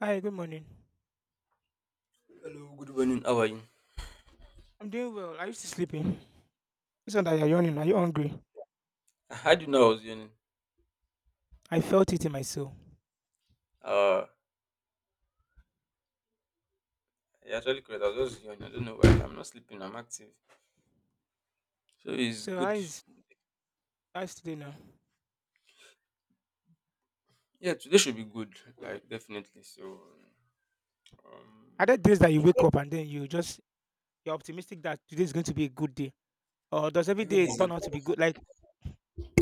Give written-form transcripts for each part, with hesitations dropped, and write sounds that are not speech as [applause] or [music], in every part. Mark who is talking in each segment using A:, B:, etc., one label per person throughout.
A: Hi, good morning.
B: Hello, good morning. How are you?
A: I'm doing well. Are you still sleeping? It's not that you're yawning. Are you hungry?
B: I was yawning.
A: I felt it in my soul.
B: Uh, you're actually correct. I was just yawning. I don't know why. I'm not sleeping. I'm active. So it's
A: So how
B: good.
A: is how's today now?
B: Yeah, today should be good. Like definitely. So
A: Are there
B: um,
A: days that you wake up and then you're optimistic that today is going to be a good day, or does every
B: every
A: day
B: day is a
A: turn out to be good? Like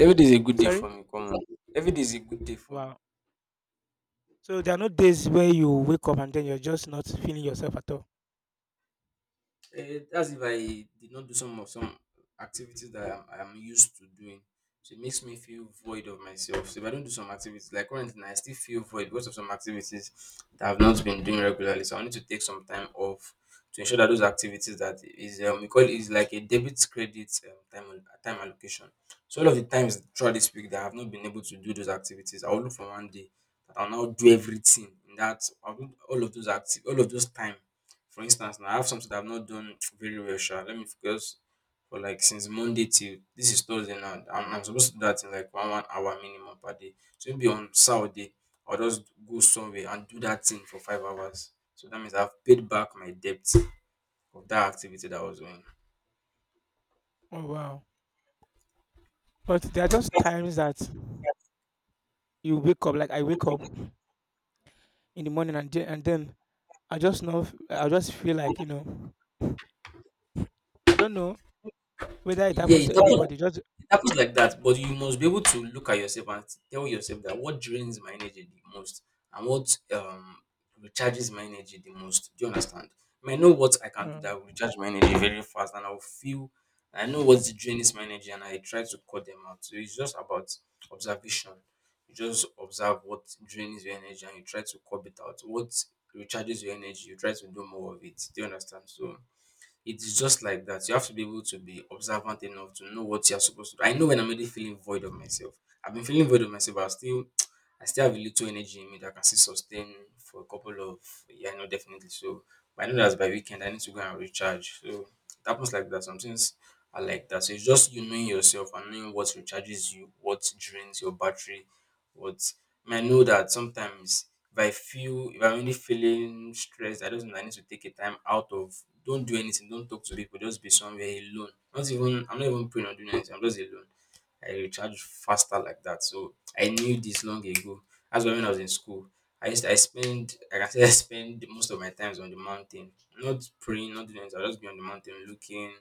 B: every day is a good day
A: sorry,
B: for me. Come on, every day is a good day for me.
A: wow. So there are no days where you wake up and then you're just not feeling yourself at all.
B: That's if I did not do some activities that I'm used to doing. So it makes me feel void of myself. So if I don't do some activities, like currently, now, I still feel void because of some activities that I've not been doing regularly. So I need to take some time off to ensure that those activities that is we call it is like a debit credit time allocation. So all of the times throughout this week that I have not been able to do those activities, I will look for one day that I'll now do everything in that I'll do all of those time for instance now, I have something that I've not done very well sha. Let me focus for like since Monday till this is Thursday now. I'm supposed to do that in like one hour minimum per day. So maybe on Saturday, I'll just go somewhere and do that thing for 5 hours. So that means I've paid back my debt of that activity that I was doing.
A: Oh wow. But there are just times that you wake up. Like I wake up in the morning and then I just know. I just feel like I don't know whether it
B: Yeah,
A: happens
B: it
A: to
B: happens.
A: everybody. Just
B: It happens like that, but you must be able to look at yourself and tell yourself that what drains my energy the most and what recharges my energy the most. Do you understand? I may know what I can do that
A: Um,
B: will recharge my energy very fast, and I'll feel I know what drains my energy, and I try to cut them out. So it's just about observation. You just observe what drains your energy, and you try to curb it out. What recharges your energy, you try to do more of it. Do you understand? So it's just like that. You have to be able to be observant enough to know what you're supposed to do. I know when I'm really feeling void of myself. I've been feeling void of myself, but I still [tsk] I still have a little energy in me that I can still sustain for a couple of yeah, no, definitely. So but I know that's by weekend I need to go and recharge. So it happens like that. Some things are like that. So it's just you knowing yourself and knowing what recharges you, what drains your battery, but I know that sometimes if I'm really feeling stressed, I just know I need to take a time out of don't do anything, don't talk to people, just be somewhere alone. Not even I'm not even praying or doing anything, I'm just alone. I recharge faster like that. So I knew this long ago. That's why when I was in school, I spend like I can say [laughs] I spend most of my times on the mountain. Not praying, not doing anything. I'll just be on the mountain looking,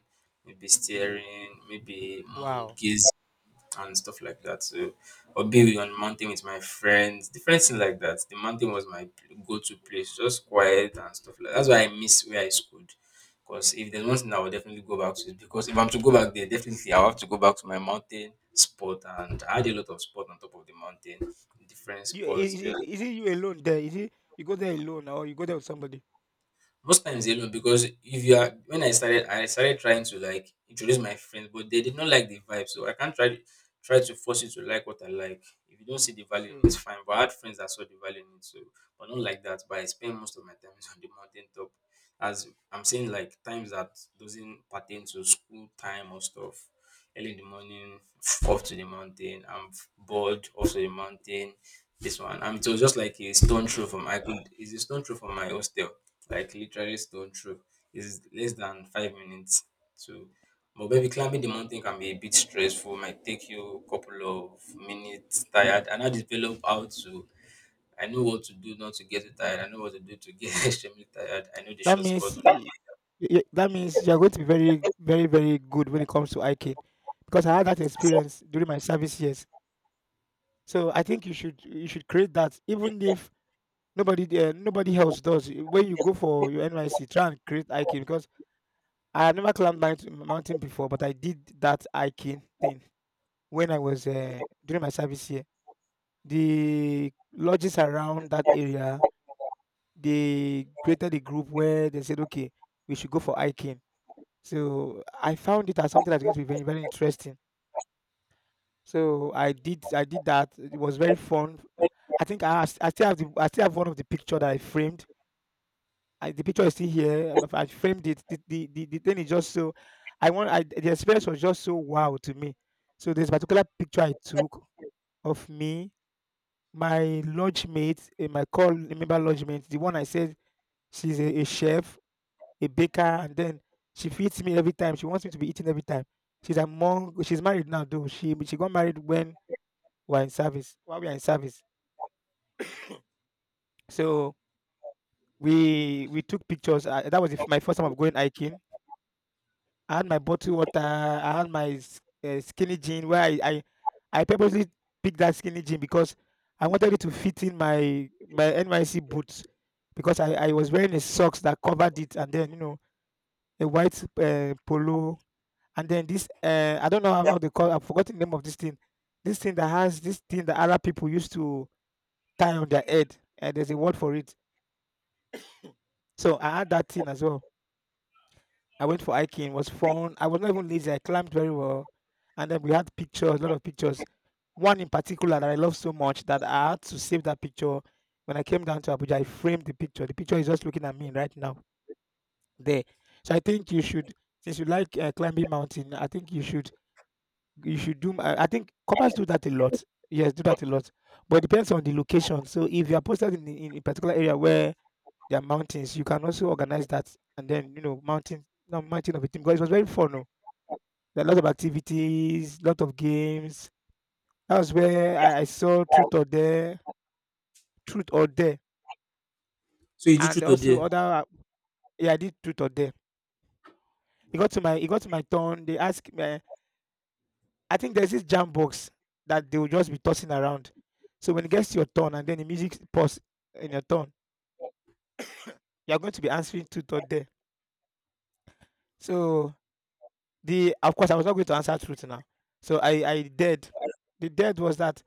B: maybe staring, maybe moon
A: wow.
B: gazing and stuff like that. So, or being on mountain with my friends, different things like that. The mountain was my go-to place, just quiet and stuff like. That's why I miss where I schooled. Because if there's one thing I will definitely go back to, is because if I'm to go back there, definitely I'll have to go back to my mountain spot. And I had a lot of sport on top of the mountain, different
A: You,
B: sports.
A: is
B: Yeah,
A: it, is it you alone there? Is it you go there alone or you go there with somebody?
B: most times alone because if you are when I started trying to like introduce my friends, but they did not like the vibe. So I can't try to force you to like what I like. If you don't see the value in it,
A: True.
B: it's fine. But I had friends that saw the value in it, so but not like that. But I spend most of my time [laughs] on the mountain top. As I'm saying like times that doesn't pertain to school time or stuff. Early in the morning, [sniffs] off to the mountain. I'm bored, off to the mountain this one. It was just like a stone throw from I could it's a stone throw from my hostel. Like literally stone throw. It's less than 5 minutes. So but maybe climbing the mountain can be a bit stressful, might take you a couple of minutes tired and I develop how to I know what to do not to get too tired. I know what to do to get [laughs] extremely tired. I know the
A: That
B: shortcut
A: means
B: on.
A: that means you're going to be very, very, very good when it comes to hiking, because I had that experience during my service years. So I think you should create that even if nobody there, nobody else does. When you go for your NYC, try and create hiking because I had never climbed mountain before, but I did that hiking thing when I was during my service year. The lodges around that area, they created a group where they said, okay, we should go for hiking. So I found it as something that's going to be very, very interesting. So I did that. It was very fun. I think I still have the, I still have one of the picture that I framed. I, the picture is still here. I framed it. The thing is just so I, the experience was just so wow to me. So this particular picture I took of me. My lodgemate, eh, my call remember lodgemate, the one I said, she's a chef, a baker, and then she feeds me every time. She wants me to be eating every time. She's among, she's married now though. She got married when we are in service while we are in service. So, we took pictures. That was the f my first time of going hiking. I had my bottled water. I had my skinny jean where I purposely picked that skinny jean because I wanted it to fit in my NYC boots, because I was wearing a socks that covered it, and then you know a white polo, and then this I don't know how they call. I've forgotten the name of this thing, this thing that has, this thing that Arab people used to tie on their head, and there's a word for it. So I had that thing as well. I went for hiking. It was fun. I was not even lazy. I climbed very well, and then we had pictures, a lot of pictures. One in particular that I love so much that I had to save that picture. When I came down to Abuja, I framed the picture. The picture is just looking at me right now there. So I think you should, since you like climbing mountain, I think you should do. I think couples do that a lot. Yes, do that a lot, but it depends on the location. So if you are posted in a particular area where there are mountains, you can also organize that, and then you know, mountain, no, mountain of a team, because it was very fun. Oh. There are a lot of activities, lot of games. That was where I saw Truth or Dare,
B: So you did you
A: and also
B: today?
A: other. Yeah, I did Truth or Dare. It got to my, it got to my turn. They asked me. I think there's this jam box that they will just be tossing around. So when it gets to your turn, and then the music pause in your turn, you are going to be answering Truth or Dare. So, the, of course, I was not going to answer Truth now. So I did. The dead was that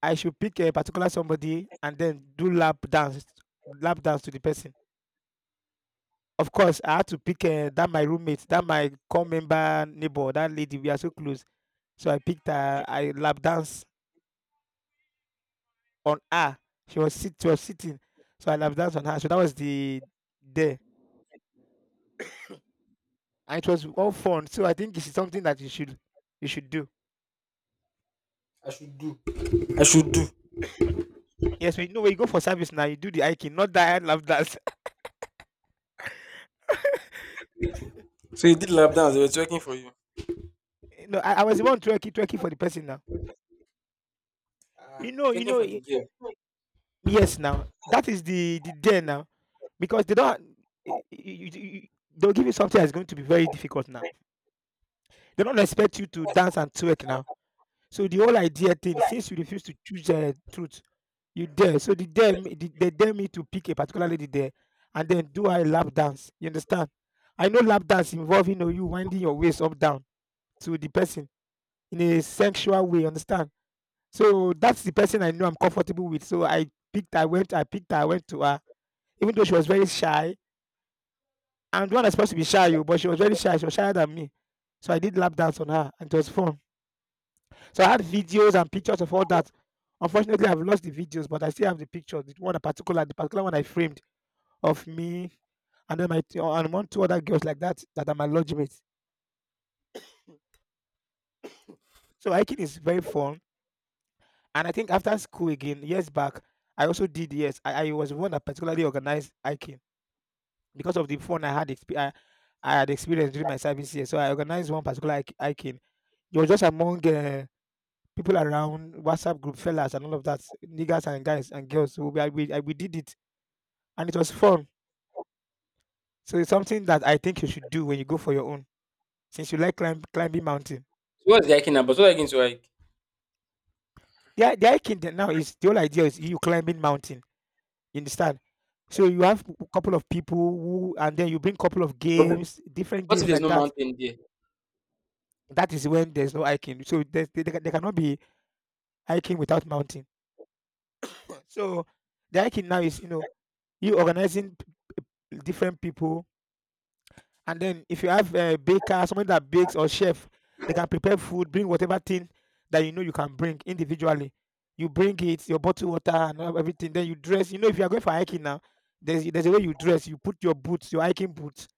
A: I should pick a particular somebody, and then do lap dance to the person. Of course, I had to pick that my roommate, that my core member neighbor, that lady. We are so close, so I picked her. I lap dance on her. She was she was sitting, so I lap dance on her. So that was the day, and it was all fun. So I think it's something that you should do.
B: I should do.
A: Yes, when you know, when you go for service now, you do the hiking, not that I lap dance.
B: So you did lap dance, they were checking for you.
A: [laughs] no, I was the one twerking for the person now. You
B: Checking
A: know,
B: for the gear.
A: yes, now that is the there now, because they don't. y- y- y- They'll give you something that's going to be very difficult now. They don't expect you to dance and twerk now. So the whole idea thing, since you refuse to choose the truth, you dare. So the dare, they dare me to pick a particular lady there, and then do a lap dance. You understand? I know lap dance involving, you know, you winding your waist up down to the person in a sexual way. You understand? So that's the person I know I'm comfortable with. So I picked. I went. I picked. I went to her, even though she was very shy. And one that's supposed to be shy, you, but she was very shy. She was shyer than me. So I did lap dance on her, and it was fun. So I had videos and pictures of all that. Unfortunately, I've lost the videos, but I still have the pictures. The one, in particular, the particular one I framed of me, and then my, and one two other girls like that, that are my lodge. So hiking is very fun, and I think after school again years back, I also did, yes. I was one that particularly organized hiking because of the fun I had. I had experienced during my service year, so I organized one particular hiking. You was just among, eh, people around, WhatsApp group, fellas and all of that, niggas and guys and girls. So we did it, and it was fun. So it's something that I think you should do when you go for your own, since you like climbing mountain.
B: So what's the hiking about? So, what are you going to hike?
A: The hiking the now is, the whole idea is you climbing mountain, you understand? So you have a couple of people who, and then you bring couple of games,
B: What
A: different
B: if
A: games
B: there's
A: like
B: no
A: that.
B: mountain there?
A: That is when there's no hiking. So there's there there there cannot be hiking without mountain. So the hiking now is, you know, you organizing different people. And then if you have a baker, somebody that bakes or chef, they can prepare food, bring whatever thing that you know you can bring individually. You bring it, your bottled water, and everything. Then you dress. You know, if you are going for hiking now, there's a way you dress. You put your boots, your hiking boots,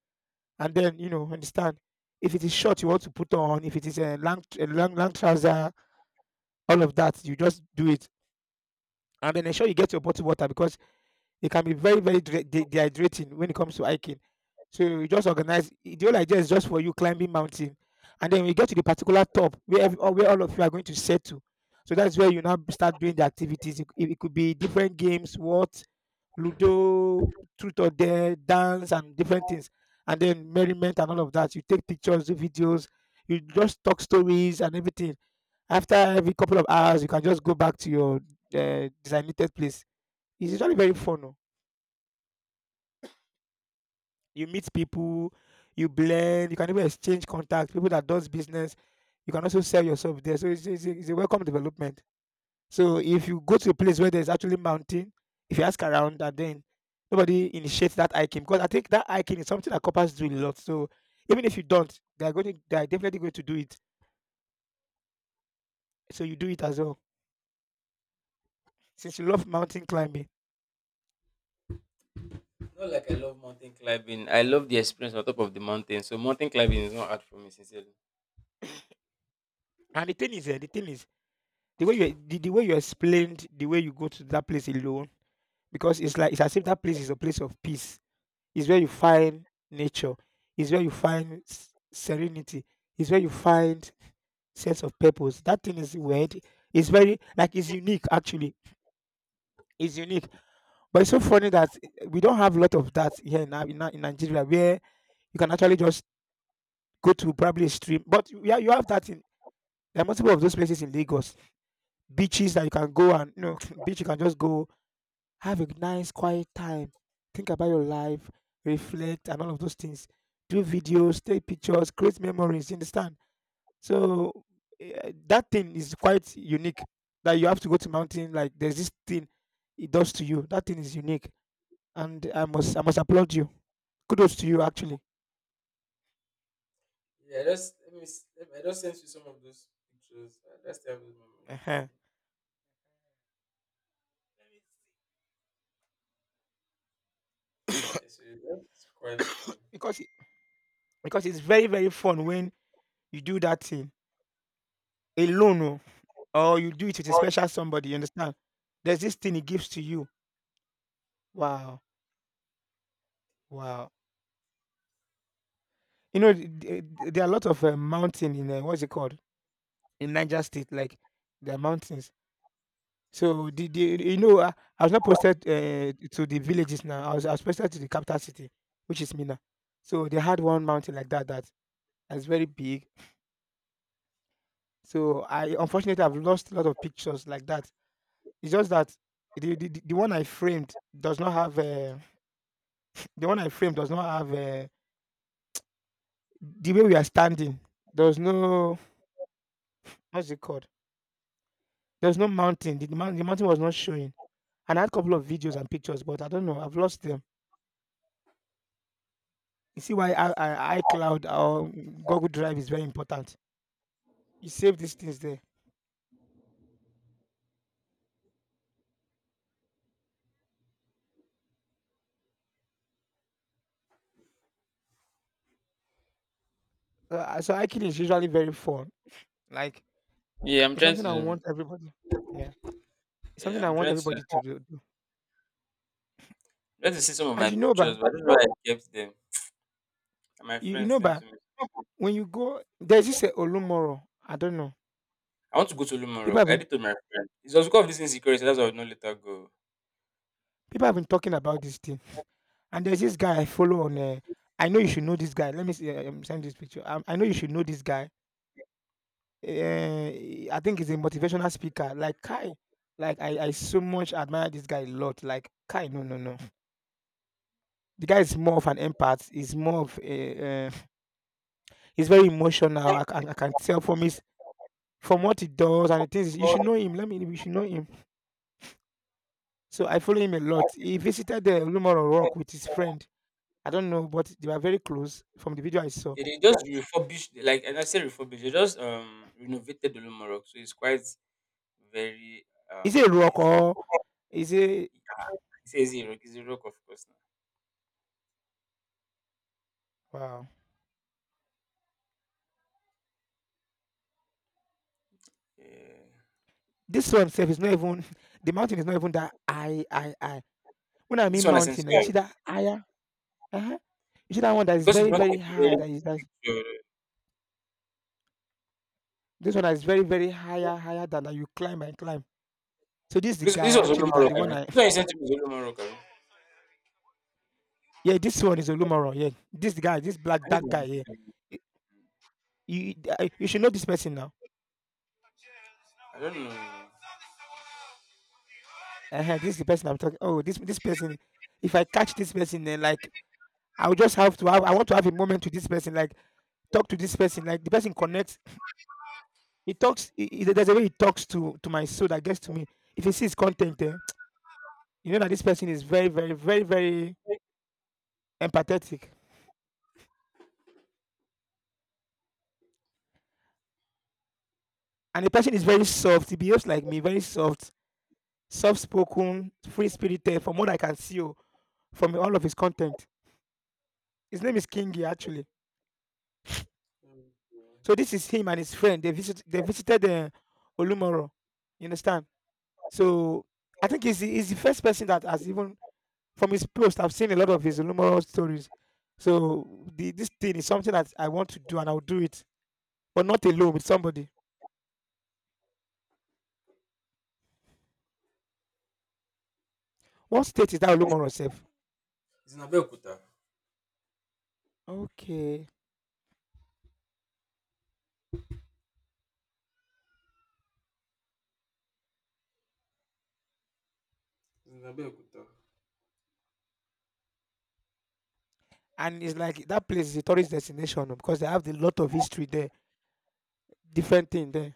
A: and then you know, understand. If it is short, you want to put on. If it is a long, a long trouser, all of that, you just do it. And then ensure you get your bottled water, because they can be very, very dehydrating when it comes to hiking. So you just organize, the whole idea is just for you climbing mountain, and then we get to the particular top where every, or where all of you are going to settle. So that's where you now start doing the activities. It could be different games, what, Ludo, truth or dare, dance, and different things, and then merriment and all of that. You take pictures, do videos, you just talk stories and everything. After every couple of hours, you can just go back to your designated place. It's usually very fun. Oh. You meet people, you blend, you can even exchange contacts, people that does business. You can also sell yourself there. So it's a welcome development. So if you go to a place where there's actually mountain, if you ask around, and then nobody initiates that hiking, because I think that hiking is something that couples do a lot. So even if you don't, they're going to, they're definitely going to do it. So you do it as well, since you love mountain climbing.
B: Not like I love mountain climbing. I love the experience on top of the mountain. So mountain climbing is not hard for me, sincerely.
A: And the thing is, the thing is, the way you explained the way you go to that place alone because it's as if that place is a place of peace, is where you find nature, is where you find serenity, is where you find sense of purpose. That thing is weird. It's very— like it's unique actually. It's unique, but it's so funny that we don't have a lot of that here in, Nigeria, where you can actually just go to probably a stream. But yeah, you have that in— there are multiple of those places in Lagos, beaches that you can go and you know [laughs] [clears throat] beach you can just go. Have a nice quiet time. Think about your life, reflect, and all of those things. Do videos, take pictures, create memories. You understand? So that thing is quite unique. That you have to go to mountain. Like there's this thing it does to you. That thing is unique, and I must applaud you. Kudos to you actually.
B: Yeah, just let me. Let me, I just sent you some of those pictures. I just have those memories.
A: Ehen.
B: Yeah, so that's quite fun.
A: Because it- because it's very very fun when you do that thing alone oh, or you do it with a special somebody. You understand? There's this thing it gives to you. Wow. Wow. You know, there are a lot of mountain in what's it called, in Niger State, like there are mountains. So, the you know I was not posted to the villages now. I was posted to the capital city, which is Mina. So they had one mountain like that that is very big. So I Unfortunately, I've lost a lot of pictures like that. It's just that the one I framed does not have the one I framed does not have the way we are standing. There's no— what's it called? There's no mountain. The mountain was not showing. And I had a couple of videos and pictures, but I don't know. I've lost them. You see why iCloud or Google Drive is very important. You save these things there. So iCloud is usually very fun. Like
B: Yeah, I'm
A: it's
B: trying
A: something I
B: to.
A: want everybody. Yeah, it's something
B: Yeah,
A: I
B: I'm
A: want
B: trying to.
A: everybody to do.
B: Trying to see some of
A: And
B: my
A: you know,
B: pictures,
A: ba,
B: but I don't know why I kept them. And my
A: you
B: friend
A: know,
B: sent
A: ba,
B: to me.
A: when you go, there's this Olumoro. I don't know.
B: I want to go to Luman
A: People
B: Rock.
A: have
B: I
A: been
B: did to my friend. It's also because of this insecurity. That's why I would not let her go.
A: people have been talking about this thing. And there's this guy I follow on. I know you should know this guy. Let me see, send this picture. I know you should know this guy. I think he's a motivational speaker. Like Kai, like I so much admire this guy a lot. Like Kai, no, no, no. The guy is more of an empath. He's more of a, he's very emotional. I can tell from his— from what he does and the things— you should know him. You should know him. So I follow him a lot. He visited the Lumoro Rock with his friend. I don't know, but they were very close from the video I saw.
B: Yeah, they just refurbished, like, and I say refurbished. They just renovated the Luman Rock, so it's quite very,
A: Is it a rock
B: amazing.
A: or is it,
B: Yeah, it's a rock, of course, now.
A: wow?
B: Yeah.
A: This one self is not even [laughs] the mountain is not even that I. When I
B: This
A: mean
B: one I sent to
A: mountain, like, you
B: Yeah. you.
A: see that higher, uh, you see that one that is
B: Because you
A: very,
B: did not
A: very
B: take a
A: high.
B: very
A: That is that—
B: good,
A: this one that is very, very higher, higher than that you climb and climb. So this is the
B: this,
A: guy
B: this was Olumo
A: actually that
B: Rock,
A: the
B: I
A: one
B: mean.
A: I—
B: This one you sent to me is Olumo Rock, I mean.
A: [laughs] yeah, this one is Olumaro, yeah, this guy, this black
B: I need
A: dark
B: to
A: guy, yeah.
B: visit.
A: you you, you should know this person now.
B: I don't know.
A: This is the person I'm talking oh, this person. If I catch this person, then like I will just have to have I want to have a moment with this person, like talk to this person, like the person connects. He talks he- there's a way he talks to my soul that gets to me. If he sees content, you know that this person is very, very, very, very empathetic. And the person is very soft. He behaves like me, very soft, soft spoken, free spirited, from what I can see oh, from all of his content. His name is Kingi, actually. So this is him and his friend. They visited Olumoro. You understand? So I think he's, he's the first person that has even— from his post, I've seen a lot of his Olumoro stories. So, this thing is something that I want to do and I'll do it. But not alone— with somebody. What state is that Olumoro self?
B: It's in Abeokuta.
A: Okay.
B: It's in Abeokuta.
A: And it's like that place is a tourist destination oh, because they have a lot of history there, different thing there.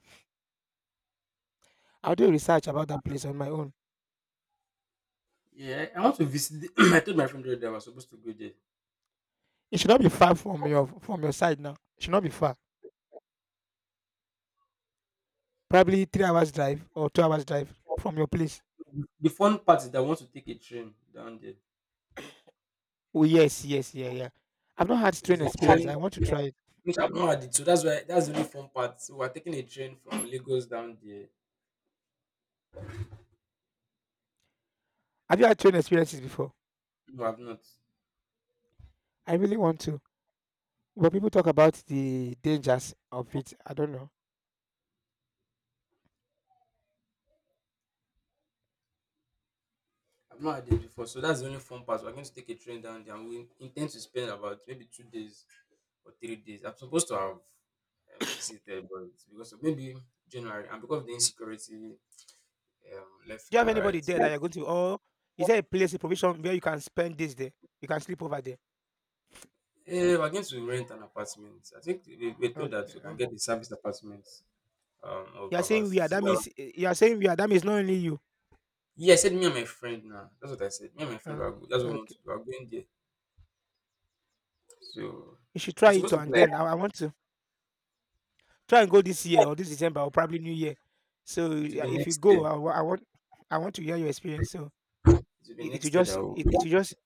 A: I'll do research about that place on my own.
B: Yeah, I want to visit. The, [clears throat] I told my friend that I was supposed to go there.
A: It should not be far from your side now. It should not be far. Probably 3 hours drive or 2 hours drive from your place.
B: The fun part is that I want to take a train down there.
A: Oh yes, yes, yeah, yeah. I've not had
B: So
A: train
B: there's a
A: experience.
B: train
A: I want to try it.
B: which I've not had it. So that's why that's the only fun part. So we're taking a train from Lagos down there.
A: Have you had train experiences before?
B: No, I've not.
A: I really want to. But people talk about the dangers of it. I don't know.
B: I've not had it before, so that's the only fun part. We're going to take a train down there, and we intend to spend about maybe 2 days or 3 days. I'm supposed to have visited, but it's because of maybe January and because of the insecurity left
A: Do you have
B: and
A: anybody
B: right, so,
A: there that you're going to? Or is there a place, a provision where you can spend this day? You can sleep over there.
B: we're going to rent an apartment. I think we told that
A: Okay,
B: we can
A: oh.
B: get the service apartment of about fifty thousand.
A: You are saying we are, that means not only you.
B: Yeah, I said me and my friend now. That's what I said. Me and my friend
A: Okay,
B: that's what we want
A: okay.
B: to do. We're going there, so
A: You should
B: we're
A: try it
B: supposed to be
A: and
B: like
A: then I want to try and go this year or this December or probably New Year. So
B: to
A: yeah,
B: be
A: if you
B: next year.
A: go, I want— I want to hear your experience. So
B: To be next year that we will.
A: it will just—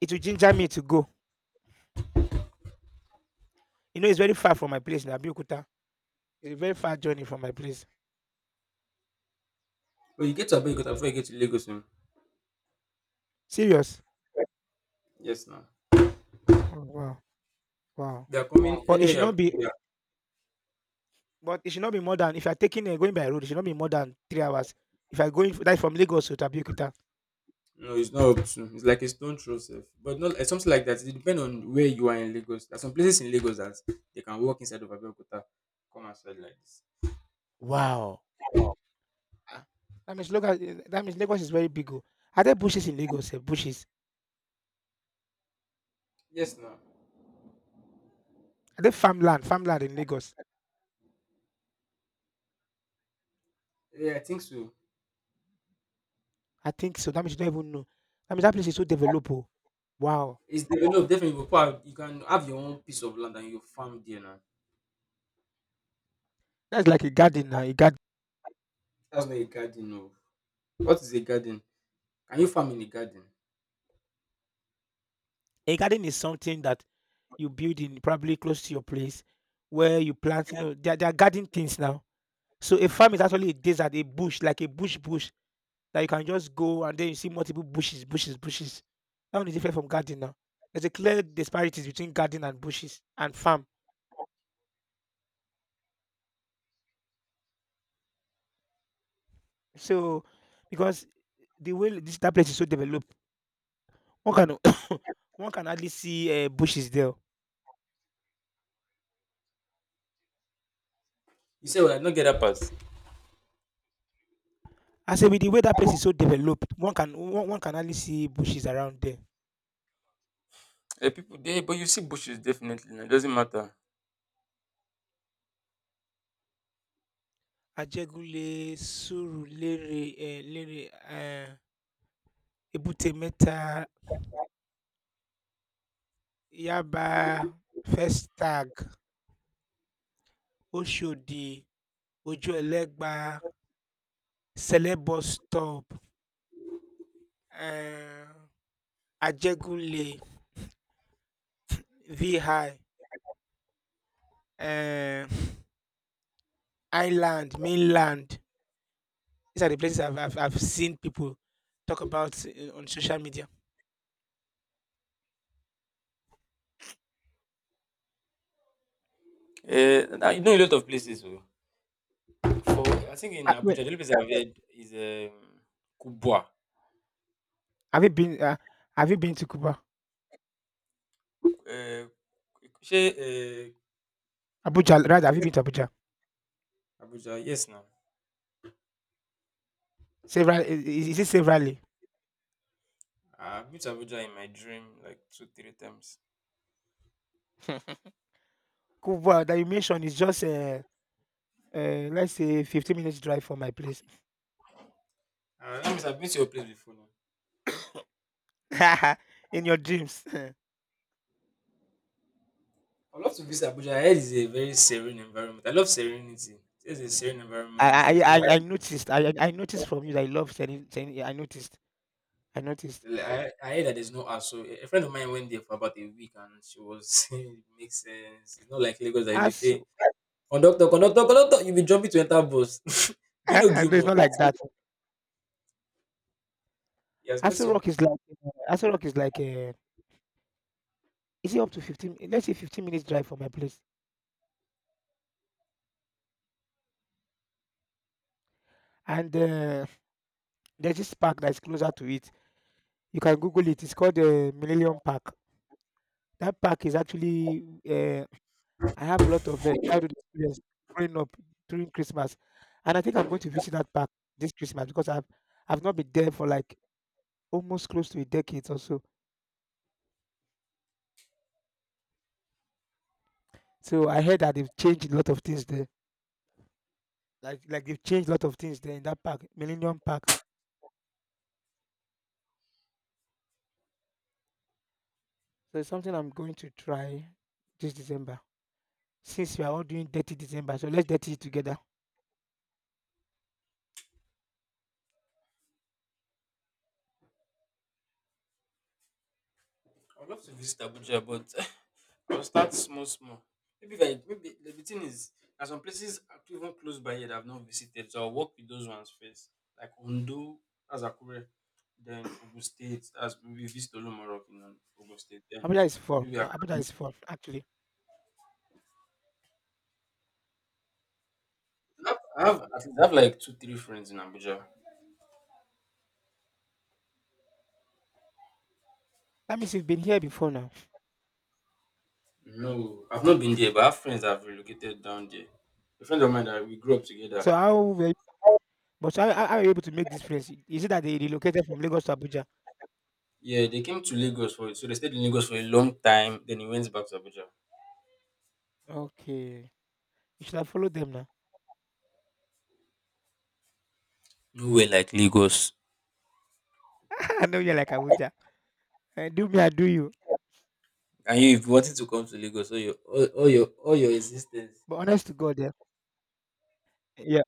A: it will ginger me to go. You know, it's very far from my place in Abiyokuta. It's a very far journey from my place.
B: But you get to Abeokuta before you get to Lagos. Oh.
A: Serious.
B: Yes, now.
A: Oh, wow, wow.
B: They are wow, coming
A: But it
B: anywhere.
A: should not be. But it should not be more than— if you are taking and going by road, it should not be more than 3 hours. If I going like from Lagos to Abiyokuta.
B: No, it's not up to. It's like a stone throw, sef. But not it's something like that. It depends on where you are in Lagos. There are some places in Lagos that they can walk inside of Abeokuta, come outside like this.
A: Wow. Ah, that means Lagos is that means Lagos is very big oh. Are there bushes in Lagos sef? Bushes?
B: Yes, now.
A: Are there farmland in Lagos?
B: Yeah, I think so.
A: I think so. That means you don't even know. That means that place is so developed oh. Wow.
B: It's de- No definitely you go, you can have your own piece of land and you farm there now.
A: That's like a garden now. A garden.
B: That's not a garden, no. What is a garden? Can you farm in a garden?
A: A garden is something that you build in probably close to your place where you plant, you know, there are garden things now. So a farm is actually a desert, a bush, like a bush bush that you can just go and then you see multiple bushes, bushes, bushes. That one is different from garden now. There's a clear disparities between garden and bushes and farm. So, because the way this that place is so developed, one can [coughs] one can hardly see bushes there.
B: You say, well, I don't get that part.
A: I say with the way that place is so developed, one can hardly see bushes around there.
B: Eh, people, they, but you see bushes definitely. Now. It doesn't matter.
A: Ajégúnlé, Surulere, eh, Lere, eh, Èbúté Mẹ́ta, Yaba, Festag, Oshodi, Ojú Ẹlẹ́gba, Celeb bus stop, eh, Ajégúnlé, VI. Eh, Island, mainland. These are the places I've seen people talk about on social media.
B: You know a lot of places. Oh. So, I think in
A: Wait,
B: Abuja, the only place I've heard is Kubwa.
A: have you been? Have you been to Cuba?
B: Uh, she, uh,
A: Abuja,
B: I
A: rather, have you
B: forget.
A: been to Abuja?
B: Abuja, yes, now.
A: Several? Is it severally?
B: I've been to Abuja in my dream like two, three times.
A: [laughs] Cuba that you mentioned is just uh, let's say 15 minutes drive from my place.
B: That means I've been to your place before now.
A: [laughs] In your dreams, [laughs]
B: I love to visit Abuja. I heard it's a very serene environment. I love serenity. It's a serene environment. There's no.
A: I noticed. I noticed from you that you love selling I noticed. I noticed.
B: I heard that there's no hassle. A friend of mine went there for about a week and she was [laughs] saying it makes sense. It's not like Lagos that you
A: As
B: say,
A: [laughs]
B: conductor, conductor, conductor, you'll be jumping to enter bus. [laughs] Do you
A: no,
B: know
A: it's
B: Gilmore?
A: not like that.
B: He has made
A: Aso
B: some.
A: Rock is like Aso Rock is like is it up to 15— let's say 15 minutes drive from my place. And, there's this park that's closer to it. You can Google it. It's called, Millennium Park. That park is actually, uh, I have a lot of, childhood experience growing up during Christmas, and I think I'm going to visit that park this Christmas because I've— I've not been there for, like, almost close to a decade or so. So I heard that they've changed a lot of things there. Like they've changed a lot of things there in that park, Millennium Park. So it's something I'm going to try this December. Since we are all doing dirty December, so let's dirty it together.
B: I would love to visit Abuja, but [laughs] I'll start small, small. Maybe if I, maybe the thing is, there are some places even close by here that I've not visited, so I'll work with those ones first, like Ondo, that's Akure, then Ogun State, that's maybe visit Olomorok in Ogun State, then
A: Abuja is fun.
B: maybe
A: Abuja
B: Akure.
A: is fun, actually.
B: At least I have like two, three friends in Abuja.
A: That means you've been here before now.
B: No, I've not been there, but I have friends that have relocated down there. A friend of mine that we grew up together,
A: So how were but how are you able to make this friends? Is it that they relocated from Lagos to Abuja?
B: yeah, they came to Lagos for it. So they stayed in Lagos for a long time. Then he went back to Abuja.
A: Okay. You should have followed them now.
B: Nowhere like Lagos.
A: [laughs] I know you're like Abuja. Eh, do me, I do you.
B: And you, if you wanted to come to Lagos, all your existence.
A: But honest to God, yeah. Yeah.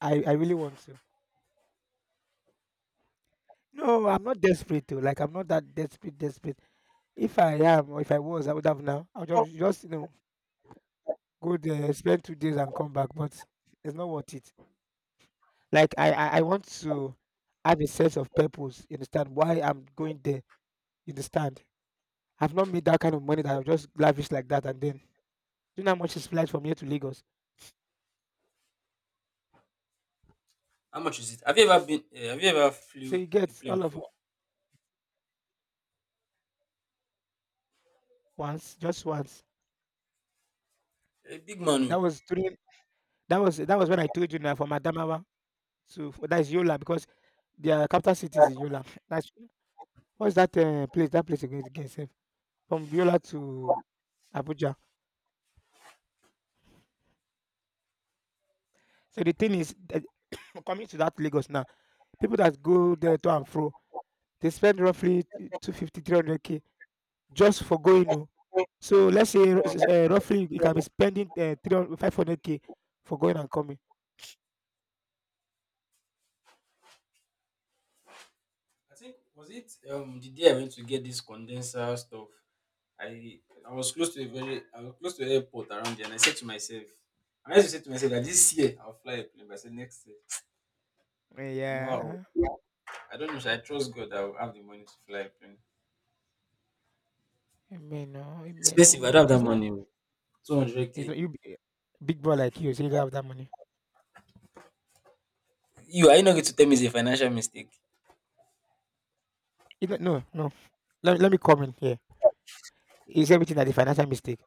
A: I really want to. No, I'm not desperate though. Like, I'm not that desperate, desperate. If I am, or if I was, I would have now. I'll just go there, spend 2 days and come back. But it's not worth it. Like I want to have a sense of purpose, you understand why I'm going there, you understand? I've not made that kind of money that I'll just lavish like that and then do you know how much is flight from here to Lagos.
B: How much is it? Have you ever been? Have you ever
A: So
B: flew
A: you
B: a
A: get
B: plane
A: all of
B: before?
A: once, just once.
B: A big man.
A: That
B: Oh.
A: was during that was when I told you now from Adamawa to that is Yola, because their capital city is in Yola. [laughs] That's what's that place? That place again, again sef? From Yola to Abuja. So the thing is, [clears throat] coming to that Lagos now, people that go there to and fro, they spend roughly two fifty three hundred k just for going oh. So let's say roughly you can be spending, 300 500K for going and coming.
B: I think was it the day I went to get this condenser stuff. I I was close to a very I was close to an airport around there, and I said to myself, I used to say to myself that this year I'll fly a plane, but I said next year
A: Eh,
B: I never would.
A: yeah.
B: I don't know. Should I trust God that I will have the money to fly a plane?
A: Amen oh, amen,
B: Expensive, I
A: amen.
B: don't have that money oh,
A: It's not
B: 200k.
A: you b big boy like you say you don't have that money.
B: You, are you not going to tell me it's a financial mistake?
A: You not no, no. Let me come in here. Is everything that the financial mistake?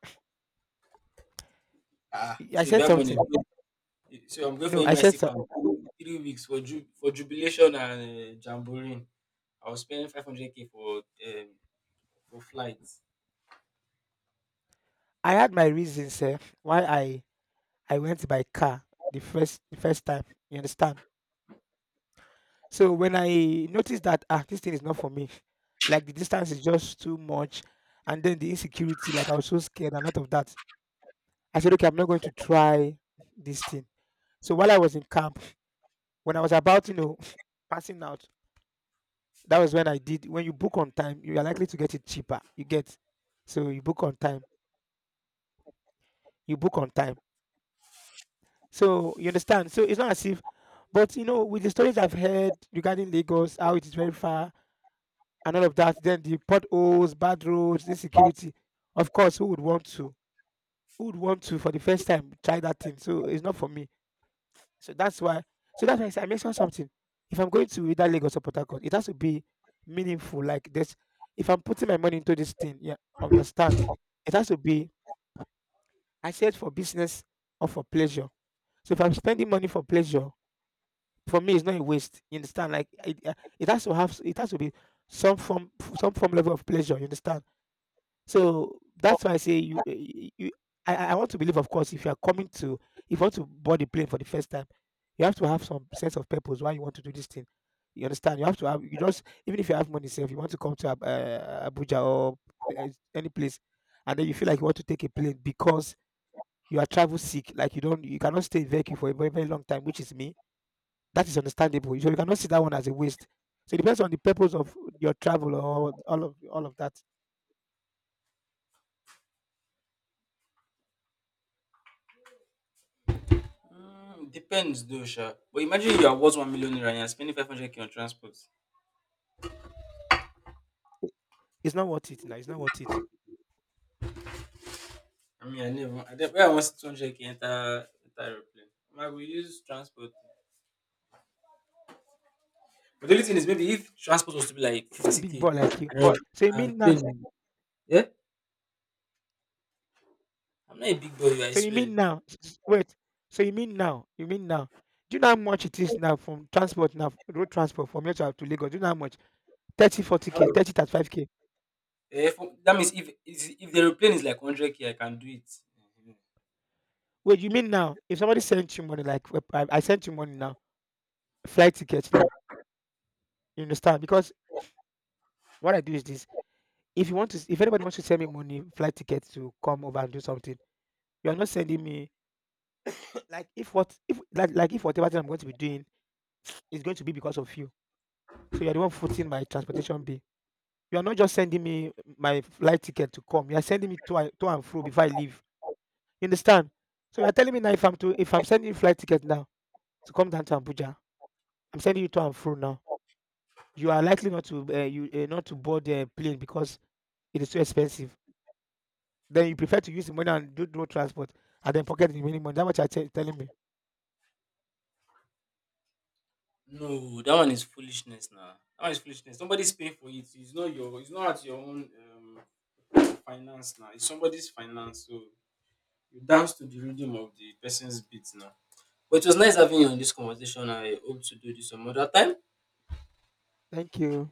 B: Ah,
A: I
B: so if
A: said
B: you have money,
A: something.
B: so I'm going for
A: No, I
B: NYC
A: said so
B: camp 3 weeks for for jubilation and jamboree. I was spending 500k for flights.
A: I had my reasons sef why I went by car the first time, you understand? So when I noticed that ah, this thing is not for me, like the distance is just too much, and then the insecurity, like I was so scared and lot of that. I said, okay, I'm not going to try this thing. So while I was in camp, when I was about, you know, [laughs] passing out, that was when I did. When you book on time, you are likely to get it cheaper. You get, so you book on time. You book on time. So you understand. So it's not as if, but you know, with the stories I've heard regarding Lagos, how it is very far and all of that. Then the potholes, bad roads, insecurity. Of course, who would want to? Who would want to for the first time try that thing? So it's not for me. So that's why. So that's why I said I mentioned something. If I'm going to either Lagos or Port Harcourt, it has to be meaningful. Like this, if I'm putting my money into this thing, yeah, understand. It has to be. I said for business or for pleasure. So if I'm spending money for pleasure, for me it's not a waste. You understand? Like it, it has to have. It has to be some form level of pleasure. You understand? So that's why I say you, I want to believe, of course, if you are coming to, if you want to board the plane for the first time, you have to have some sense of purpose why you want to do this thing. You understand? You have to have, you just, even if you have money, say, if you want to come to Abuja or uh, any place, and then you feel like you want to take a plane because you are travel sick, like you don't, you cannot stay in vehicle for a very, very long time, which is me. That is understandable. So you cannot see that one as a waste. So it depends on the purpose of your travel or all of that.
B: Mm, depends though, sha. But imagine you are worth 1 million naira and you're spending 500k on transport.
A: It's not worth it now. It's not worth it.
B: I mean, I never, where I want 200k enter, enter aeroplane. I will use transport. But the only thing is, maybe if transport was to be like
A: See big
B: 50k
A: boy like you. So you mean
B: and
A: now?
B: plane. Yeah? I'm not a big boy, I
A: So you
B: swear.
A: mean now? Wait. So you mean now? You mean now? Do you know how much it is now from transport now, road transport from your child to Lagos? Do you know how much? 30, 40 k, 30, 35k.
B: Eh, for, that means if the aeroplane is like 100k, I can do it. Mhm.
A: Wait, you mean now? If somebody sent you money, like I sent you money now, flight tickets now, you understand? Because what I do is this: if you want to, if anybody wants to send me money, flight tickets to come over and do something, you are not sending me [clears throat] like if what if like like if whatever thing I'm going to be doing is going to be because of you. So you're the one footing my transportation bill. You are not just sending me my flight ticket to come, you are sending me to and fro before I leave. You understand? So you're telling me now, if I'm to if I'm sending you flight ticket now to come down to Abuja, I'm sending you to and fro now. You are likely not to you not to board the plane because it is too expensive. Then you prefer to use the money and do road transport and then pocket the remaining money. That's what you're telling me.
B: No, that one is foolishness now. That one is foolishness. Somebody's paying for it. It's not your, it's not at your own finance now. It's somebody's finance. So you dance to the rhythm of the person's beat now. But it was nice having you on this conversation. I hope to do this some other time.
A: Thank you.